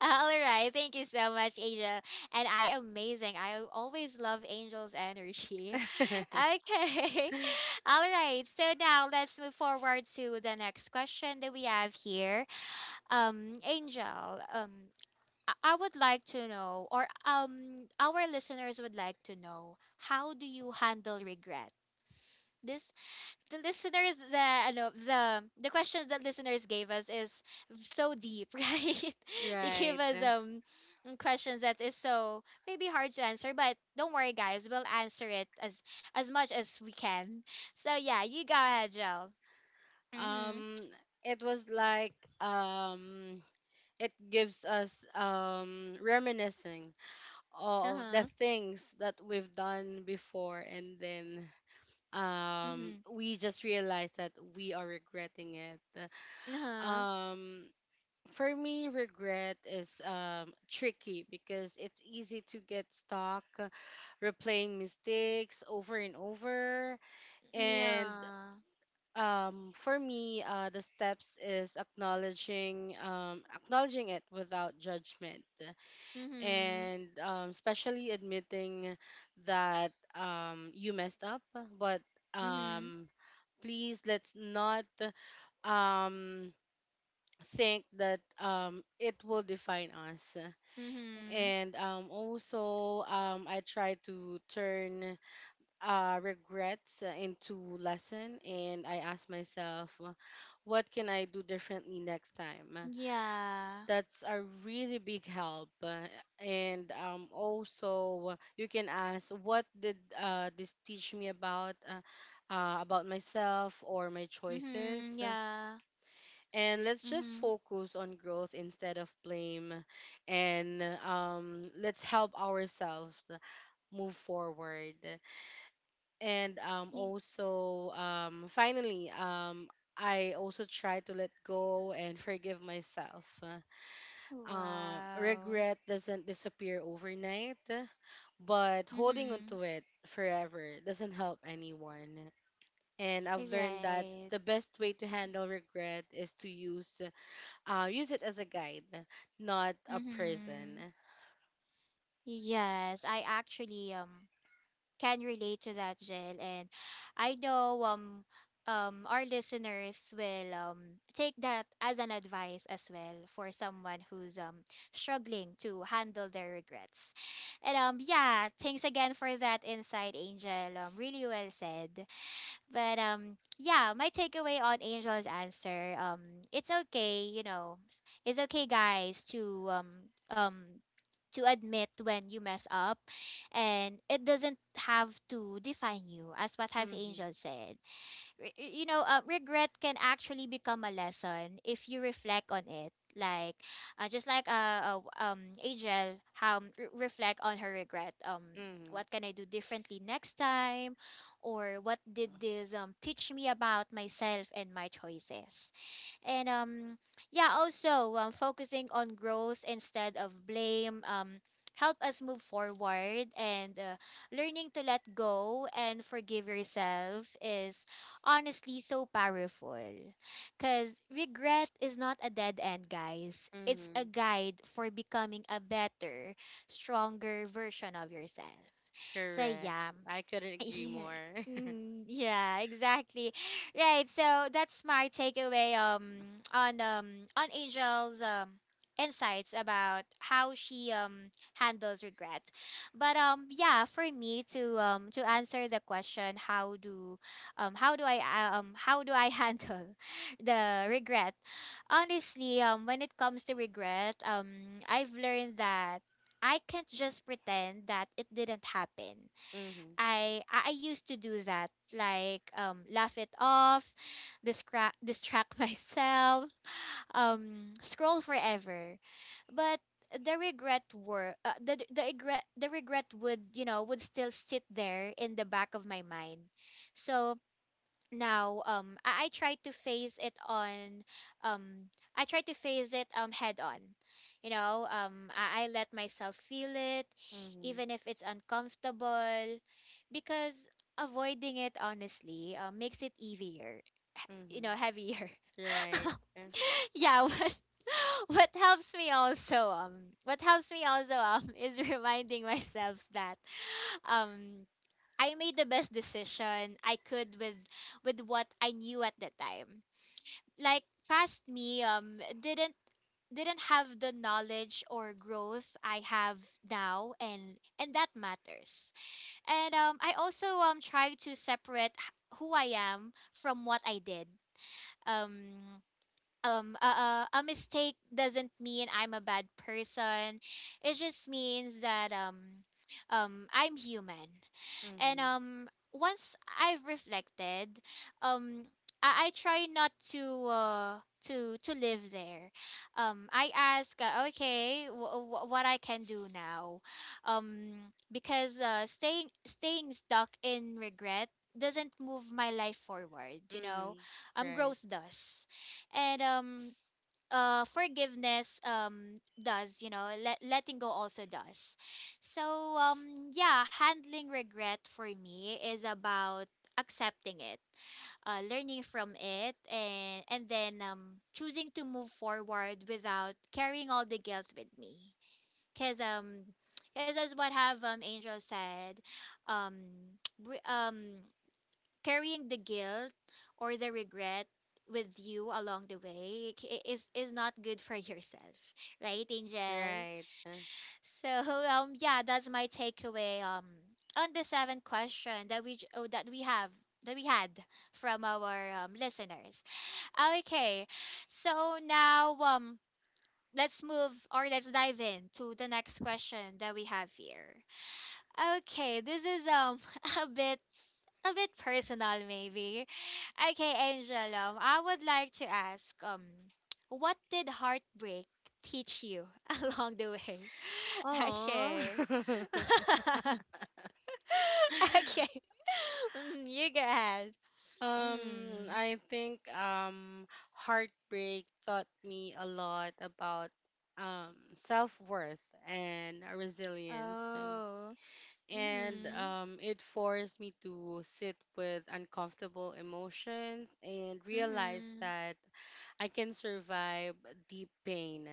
A: All right. Thank you so much, Angel. And I amazing. I always love Angel's energy. [LAUGHS]
B: [LAUGHS]
A: Okay. [LAUGHS] All right. So now let's move forward to the next question that we have here. Angel, I would like to know, or our listeners would like to know, how do you handle regret? This the listeners the ano, the questions that listeners gave us is so deep, [LAUGHS] right? They gave
B: Right.
A: us questions that is so maybe hard to answer, but don't worry, guys, we'll answer it as much as we can. So yeah, you go ahead, Joe. Mhm.
B: Um, it was like um, it gives us reminiscing of the
A: Uh-huh.
B: things that we've done before, and then
A: Mhm.
B: we just realize that we are regretting it.
A: Uh-huh.
B: Um, for me, regret is tricky because it's easy to get stuck replaying mistakes over and over, and
A: Yeah.
B: for me the steps is acknowledging it without judgment,
A: Mhm.
B: and especially admitting that you messed up, but
A: Mhm.
B: um please let's not um think that it will define us.
A: Mhm.
B: And also I try to turn regrets into lesson, and I ask myself, what can I do differently next time?
A: Yeah.
B: That's a really big help. And also, you can ask, what did this teach me about about myself or my choices?
A: Mhm. Yeah.
B: And let's just
A: Mhm.
B: focus on growth instead of blame, and let's help ourselves move forward. And
A: Yeah.
B: also finally I also try to let go and forgive myself.
A: Wow.
B: Regret doesn't disappear overnight, but holding
A: Mm-hmm.
B: onto it forever doesn't help anyone. And I've learned that
A: Right.
B: the best way to handle regret is to use it as a guide, not a prison.
A: Mm-hmm. Yes, I actually can relate to that, Jill, and I know our listeners will take that as an advice as well for someone who's struggling to handle their regrets. And yeah, thanks again for that insight, Angel. Really well said. But yeah, my takeaway on Angel's answer, it's okay, you know. It's okay, guys, um to admit when you mess up, and it doesn't have to define you, as what have
B: Mhm.
A: Angel said. You know, regret can actually become a lesson if you reflect on it. Like, just like Angel, how reflect on her regret. What
B: Mhm.
A: can I do differently next time, or what did this teach me about myself and my choices? And yeah, also focusing on growth instead of blame help us move forward, and learning to let go and forgive yourself is honestly so powerful. Because regret is not a dead end, guys. It's a
B: Mhm.
A: guide for becoming a better, stronger version of yourself. So,
B: Correct.
A: yeah.
B: I couldn't agree more.
A: [LAUGHS]
B: [LAUGHS]
A: Mm, yeah, exactly. Right. So that's my takeaway on Angel's insights about how she handles regret. But yeah, for me to answer the question, how do how do I [LAUGHS] handle the regret, honestly when it comes to regret, I've learned that I can't just pretend that it didn't happen.
B: Mhm.
A: I used to do that, like laugh it off, distract [LAUGHS] myself, scroll forever. But the regret were the regret would, you know, would still sit there in the back of my mind. So now I try to face it on um I try to face it head on. You know, I let myself feel it
B: Mhm.
A: even if it's uncomfortable, because avoiding it honestly makes it easier. You know,
B: Mm-hmm.
A: heavier.
B: Right. Eh.
A: [LAUGHS] yeah, what [LAUGHS] what helps me also what helps me also [LAUGHS] is reminding myself that um I made the best decision I could with what I knew at the time. Like past me didn't didn't have the knowledge or growth I have now and that matters. And I also try to separate who I am from what I did. Um a mistake doesn't mean I'm a bad person. It just means that I'm human and
B: Mm-hmm.
A: once I've reflected, um, I try not to to live there. I ask, okay, what I can do now, because staying staying stuck in regret doesn't move my life forward.
B: Mm-hmm. Right.
A: Growth does, and forgiveness does, you know, letting go also does. So um yeah, handling regret for me is about accepting it, learning from it, and then choosing to move forward without carrying all the guilt with me, because as what have Angel said, um [TSK] we- um carrying the guilt or the regret with you along the way is not good for [LAUGHS] yourself, right, Angel?
B: Right.
A: So [LAUGHS] yeah, that's my takeaway on the seventh question that we that we had from our listeners. Okay, so now let's move or let's dive in to the next question that we have here. Okay, this is [LAUGHS] a bit a bit personal maybe. Okay, Angel, I would like to ask, what did heartbreak teach you [LAUGHS] along the way? [LAUGHS]
B: Oh.
A: Okay.
B: [LAUGHS]
A: [LAUGHS] Okay. [LAUGHS] Mm, you go ahead. Mm.
B: I think heartbreak taught me a lot about self-worth and resilience. So,
A: Oh.
B: and
A: Mm-hmm.
B: it forced me to sit with uncomfortable emotions and realize
A: Mm-hmm.
B: that I can survive deep pain,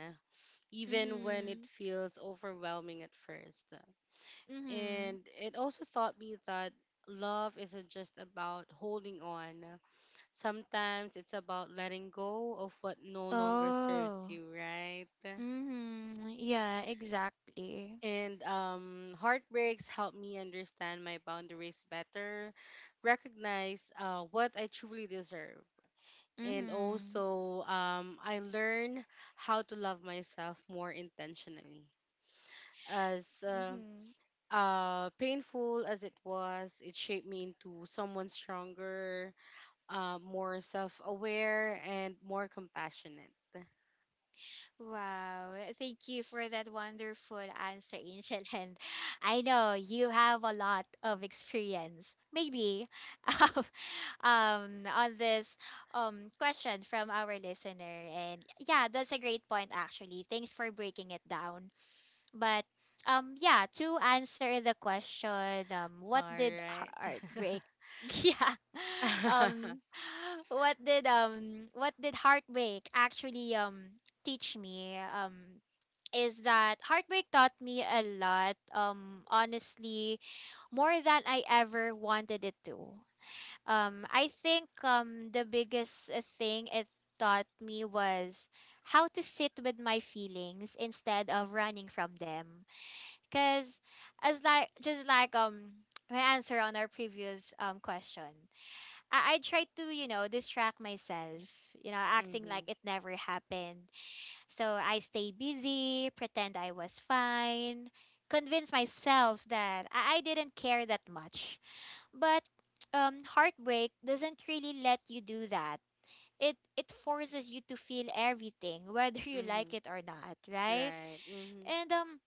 B: even when it
A: Mm-hmm.
B: feels overwhelming at first.
A: Mm-hmm.
B: And it also taught me that love isn't just about holding on. Sometimes it's about letting go of what no longer serves
A: Oh.
B: you, right?
A: Mm-hmm. Yeah, exactly.
B: And heartbreaks help me understand my boundaries better, recognize what I truly deserve. And
A: Mm-hmm.
B: also, I learn how to love myself more intentionally. As
A: Mm-hmm.
B: painful as it was, it shaped me into someone stronger, more self-aware, and more compassionate.
A: Wow, eh, thank you for that wonderful answer, Angel. [LAUGHS] And I know you have a lot of experience, maybe, [LAUGHS] um, on this question from our listener. And yeah, that's a great point, actually. Thanks for breaking it down. But yeah, to answer the question, what
B: All
A: did
B: right.
A: heartbreak
B: [LAUGHS]
A: [LAUGHS] yeah. Um what did heartbreak actually teach me is that heartbreak taught me a lot, honestly, more than I ever wanted it to. I think the biggest, thing it taught me was how to sit with my feelings instead of running from them. Cause as like just like my answer on our previous question, I try to, you know, distract myself, you know, acting like
B: Mhm.
A: it never happened. So I stay busy, pretend I was fine, convince myself that I didn't care that much. But heartbreak doesn't really let you do that. It forces you to feel everything, [LAUGHS] whether you like
B: Mhm.
A: it or not, right?
B: Right. Mhm.
A: And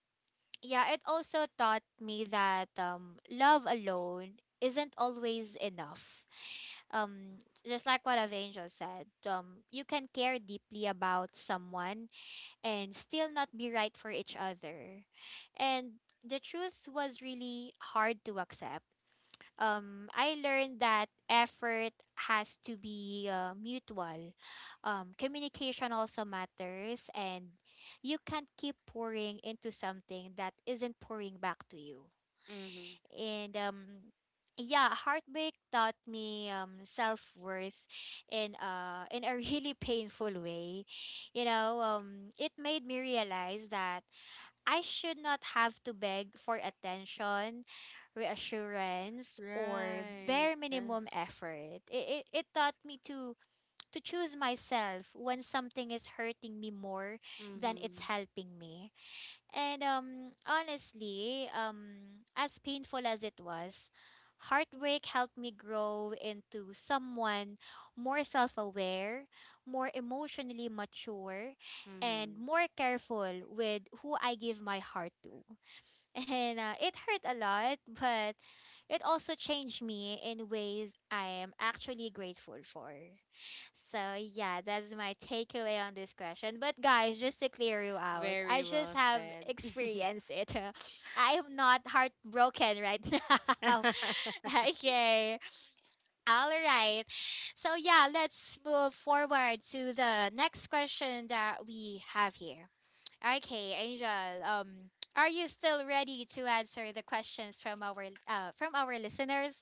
A: yeah, it also taught me that, love alone isn't always enough. Um, just like what Angel said, you can care deeply about someone and still not be right for each other. And the truth was really hard to accept. I learned that effort has to be, mutual. Communication also matters and you can't keep pouring into something that isn't pouring back to you.
B: Mhm.
A: And yeah, heartbreak taught me self-worth in a really [LAUGHS] painful way. You know, it made me realize that I should not have to beg for attention, reassurance, or
B: Right.
A: bare minimum effort. It taught me to choose myself when something is hurting me more than it's
B: Mhm.
A: helping me. And honestly, as painful as it was, heartbreak helped me grow into someone more self aware, more emotionally mature, and
B: Mhm.
A: more careful with who I give my heart to. And it hurt a lot, but it also changed me in ways I am actually grateful for. So, yeah, that's my takeaway on this question. But, guys, just to clear you out, I
B: Very
A: just
B: well
A: have
B: said.
A: experienced it. [LAUGHS] I am not heartbroken right [LAUGHS] now.
B: [LAUGHS]
A: Okay. All right. So, yeah, let's move forward to the next question that we have here. Okay, Angel. Are you still ready to answer the questions from our listeners?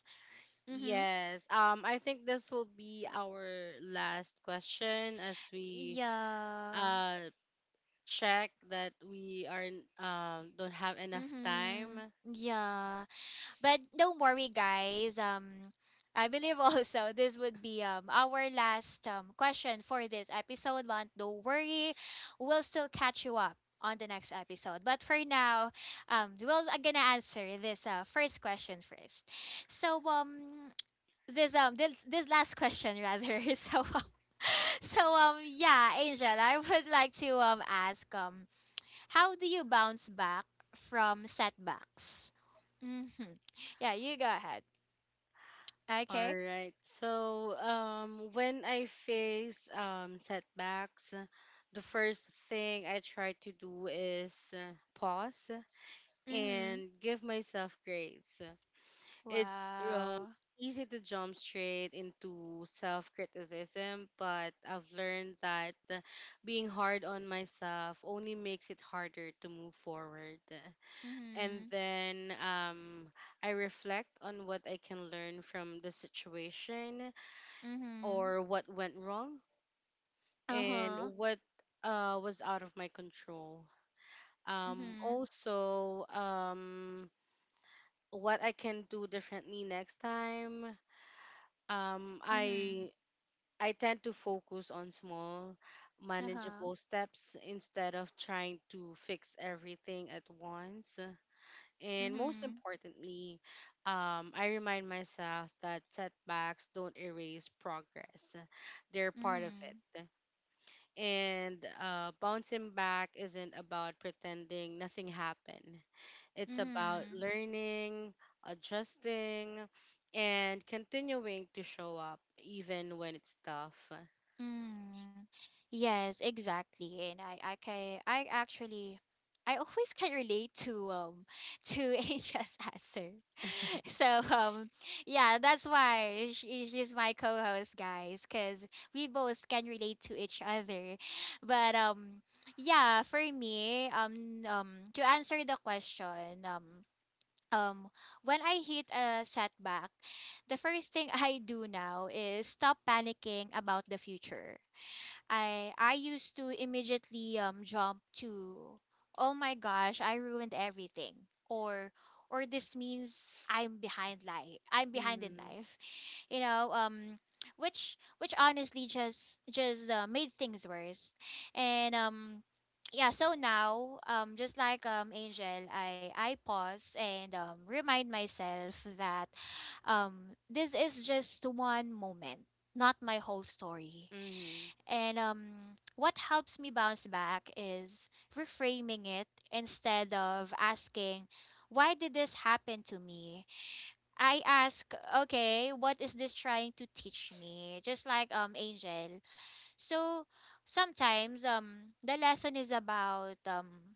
A: Mm-hmm.
B: Yes. I think this will be our last question, as we
A: Yeah.
B: uh check that we aren't don't have enough time.
A: Mm-hmm. Yeah. But don't worry, guys. I believe [LAUGHS] also this would be our last question for this episode. But don't worry, we'll still catch you up on the next episode. But for now, we're gonna answer this, first question first. So this last question, rather. [LAUGHS] so um, [LAUGHS] yeah, Angel, I would like to ask, how do you bounce back from setbacks? Mm-hmm. Yeah, you go ahead.
B: All
A: Okay.
B: right. So when I face setbacks, the first thing I try to do is pause
A: Mm-hmm.
B: and give myself grace. It's
A: Wow.
B: easy to jump straight into self-criticism, but I've learned that being hard on myself only makes it harder to move forward. And
A: Mm-hmm.
B: then I reflect on what I can learn from the situation
A: Mm-hmm.
B: or what went wrong, and
A: Uh-huh.
B: what was out of my control. Um,
A: Mm-hmm.
B: also, um, what I can do differently next time. Um,
A: Mm-hmm.
B: I I tend to focus on small,
A: Uh-huh.
B: manageable steps instead of trying to fix everything at once. And most
A: Mm-hmm.
B: importantly, I remind myself that setbacks don't erase progress, they're part of
A: Mm-hmm.
B: it. And bouncing back isn't about pretending nothing happened, it's about
A: Mm-hmm.
B: learning, adjusting, and continuing to show up even when it's tough.
A: Mm, yes, exactly. And I actually, I always can relate to [LAUGHS] to Angel's answer. [LAUGHS] So um yeah, that's why she's my co-host, guys, because we both can relate to each other. But yeah, for me to answer the question. Um, when I hit a setback, the first thing [LAUGHS] I do now is stop panicking about the future. I used to immediately jump to, oh my gosh, I ruined everything, or this means I'm behind life. I'm behind in
B: Mm-hmm.
A: life. [LAUGHS] You know, which honestly just made things worse. And yeah, so now just like Angel, I pause and remind myself that this is just one moment, not my whole story.
B: Mm-hmm.
A: And what helps me bounce back is reframing it. Instead of asking, why did this happen to me? I ask, okay, what is this trying to teach me? Just like Angel. So sometimes the lesson is um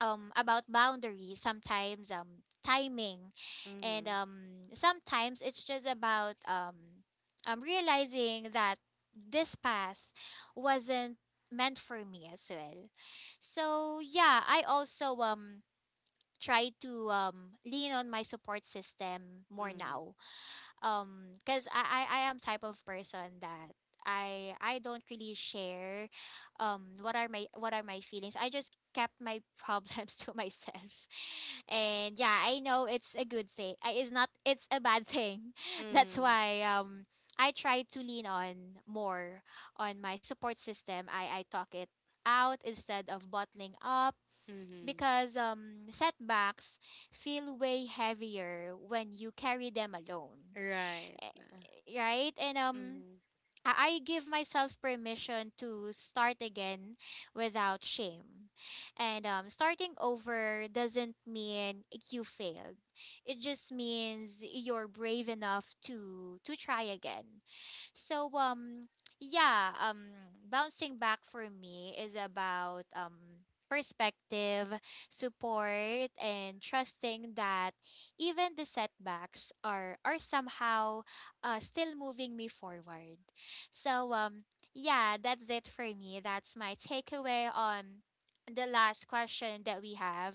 A: um about boundaries, sometimes timing, and
B: Mm-hmm.
A: sometimes it's just about realizing that this path wasn't meant for me as well. So yeah, I also try to lean on my support system more
B: Mm-hmm.
A: now, because I am type of person that i don't really share what are my feelings. I just kept my problems [LAUGHS] to myself. And yeah, I know it's a good thing, it's not, it's a bad thing. [LAUGHS] That's
B: Mm-hmm.
A: why I try to lean on more on my support system. I talk it out instead of bottling up,
B: Mm-hmm.
A: because setbacks feel way heavier when you carry them alone,
B: Right.
A: eh, right? And
B: Mm-hmm.
A: I give myself permission to start again without shame. And starting over doesn't mean you failed. It just means you're brave enough to try again. So yeah, bouncing back for me is about perspective, support, and trusting that even the setbacks are somehow still moving me forward. So yeah, that's it for me. That's my takeaway on the last question that we have.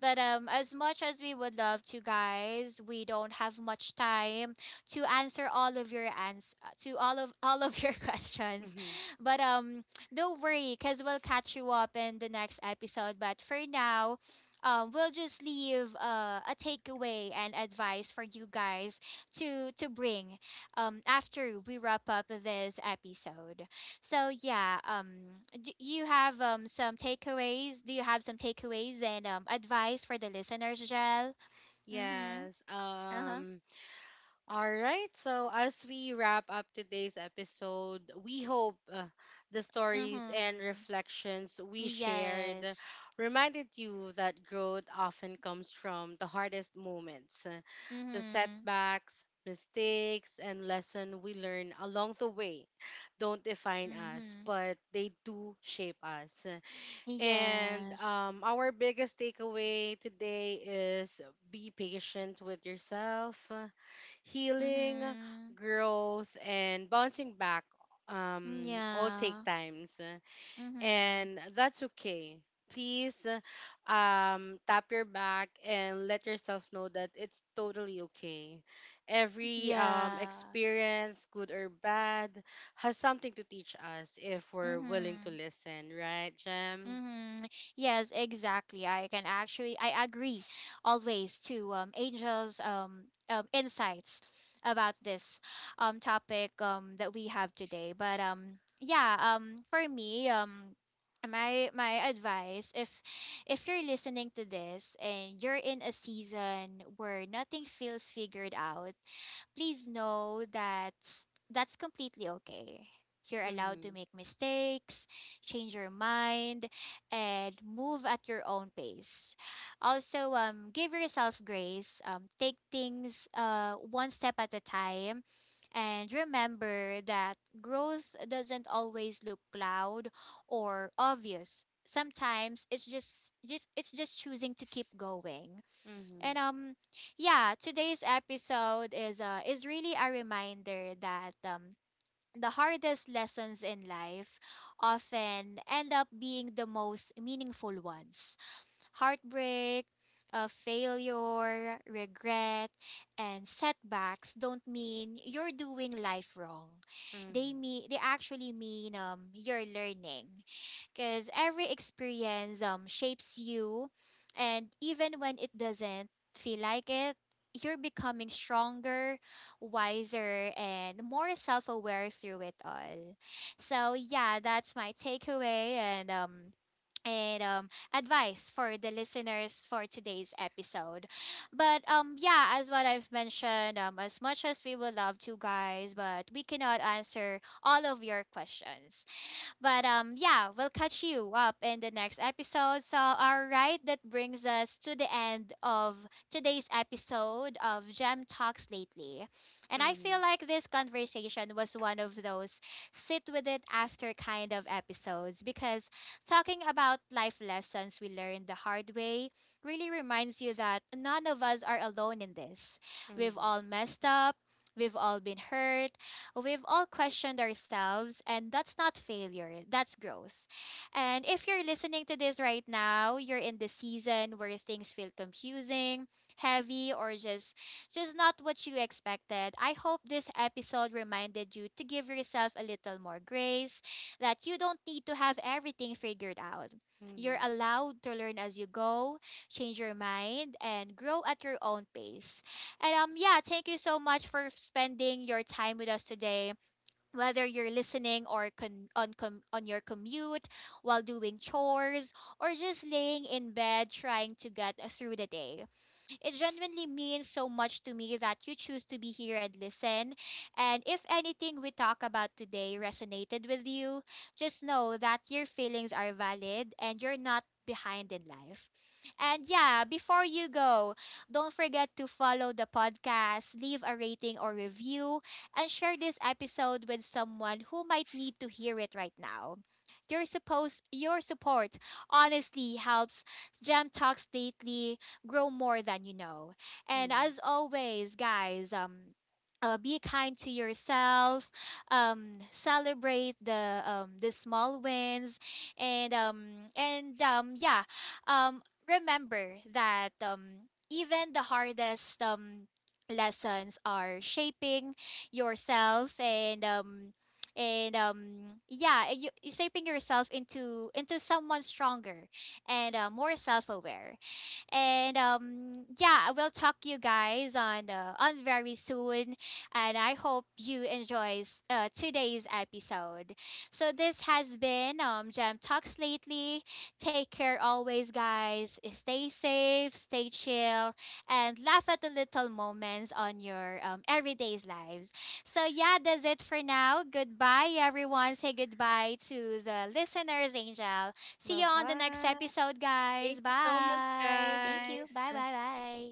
A: But as much as we would love to, guys, we don't have much time to answer all of your ans to all of your [LAUGHS] questions.
B: Mm-hmm.
A: But don't worry, cuz we'll catch you up in the next episode. But for now, we'll just leave, a takeaway and advice for you guys to bring after we wrap up this episode. So yeah, do you have some takeaways? Do you have some takeaways and advice for the listeners, Jel? Mhm.
B: Yes.
A: Uh-huh.
B: All right. So as we wrap up today's episode, we hope the stories and
A: Mhm.
B: reflections we shared
A: Yes.
B: reminded you that growth often comes from the hardest moments, the
A: Mm-hmm.
B: setbacks, mistakes, and lessons we learn along the way don't define us,
A: Mm-hmm.
B: but they do shape us. And
A: Yes.
B: our biggest takeaway today is be patient with yourself. Healing,
A: Mm-hmm.
B: growth, and bouncing back all
A: Yeah.
B: take times,
A: Mm-hmm.
B: and that's okay. Please tap your back and let yourself know that it's totally okay. Every
A: Yeah.
B: experience, good or bad, has something to teach us if we're willing to
A: Mm-hmm.
B: listen, right, Jem?
A: Mm-hmm. Yes, exactly. I can actually I agree always to Angel's insights about this topic that we have today. But yeah, for me my my advice: if you're listening to this and you're in a season where nothing feels figured out, please know that that's completely okay. You're allowed to
B: Mhm.
A: make mistakes, change your mind, and move at your own pace. Also, give yourself grace. Take things, one step at a time. And remember that growth doesn't always look loud or obvious. Sometimes it's just it's just choosing to keep going.
B: Mhm.
A: And yeah, today's episode is really a reminder that the hardest lessons in life often end up being the most meaningful ones. Heartbreak, failure, regret, and setbacks don't mean you're doing life wrong.
B: Mhm.
A: They actually mean, you're learning, because every experience shapes you. And even when it doesn't feel like it, you're becoming stronger, wiser, and more self-aware through it all. So yeah, that's my takeaway and advice for the listeners for today's episode. But yeah, as what I've mentioned, as much as we would love to, guys, but we cannot answer all of your questions. But yeah, we'll catch you up in the next episode. So, all right, that brings us to the end of today's episode of Gem Talks Lately. And I
B: Mhm.
A: feel like this conversation was one of those sit with it after kind of episodes, because talking about life lessons we learned the hard way really reminds you that none of us are alone in this. We've
B: Mhm.
A: all messed up. We've all been hurt. We've all questioned ourselves, and that's not failure, that's growth. And if you're listening to this right now, you're in the season where things feel confusing, heavy, or just not what you expected. I hope this episode reminded you to give yourself a little more grace, that you don't need to have everything figured out.
B: Mhm.
A: You're allowed to learn as you go, change your mind, and grow at your own pace. And yeah, thank you so much for spending your time with us today. Whether you're listening or on your commute, while doing chores, or just laying in bed trying to get through the day. It genuinely means so much to me that you choose to be here and listen. And if anything we talk about today resonated with you, just know that your feelings are valid and you're not behind in life. And yeah, before you go, don't forget to follow the podcast, leave a rating or review, and share this episode with someone who might need to hear it right now. Your support honestly helps Gem Talks stay grow more than you know. And
B: Mhm.
A: as always, guys, be kind to yourself. Um, celebrate the small wins, and yeah, um, remember that, even the hardest, lessons are shaping yourself and yeah, shaping yourself into someone stronger and more self aware. And yeah, I will talk you guys on, on very soon, and I hope you enjoys, today's episode. So this has been, Gem Talks lately. Take care always, guys. Stay safe, stay chill, and laugh at the little moments on your, everyday's lives. So yeah, that's it for now. Goodbye, everyone. Say goodbye to the listeners, Angel. See you on the next
B: Bye-bye.
A: episode,
B: Thank
A: guys.
B: you so much,
A: Bye. Thank you. Bye,
B: guys.
A: bye, bye.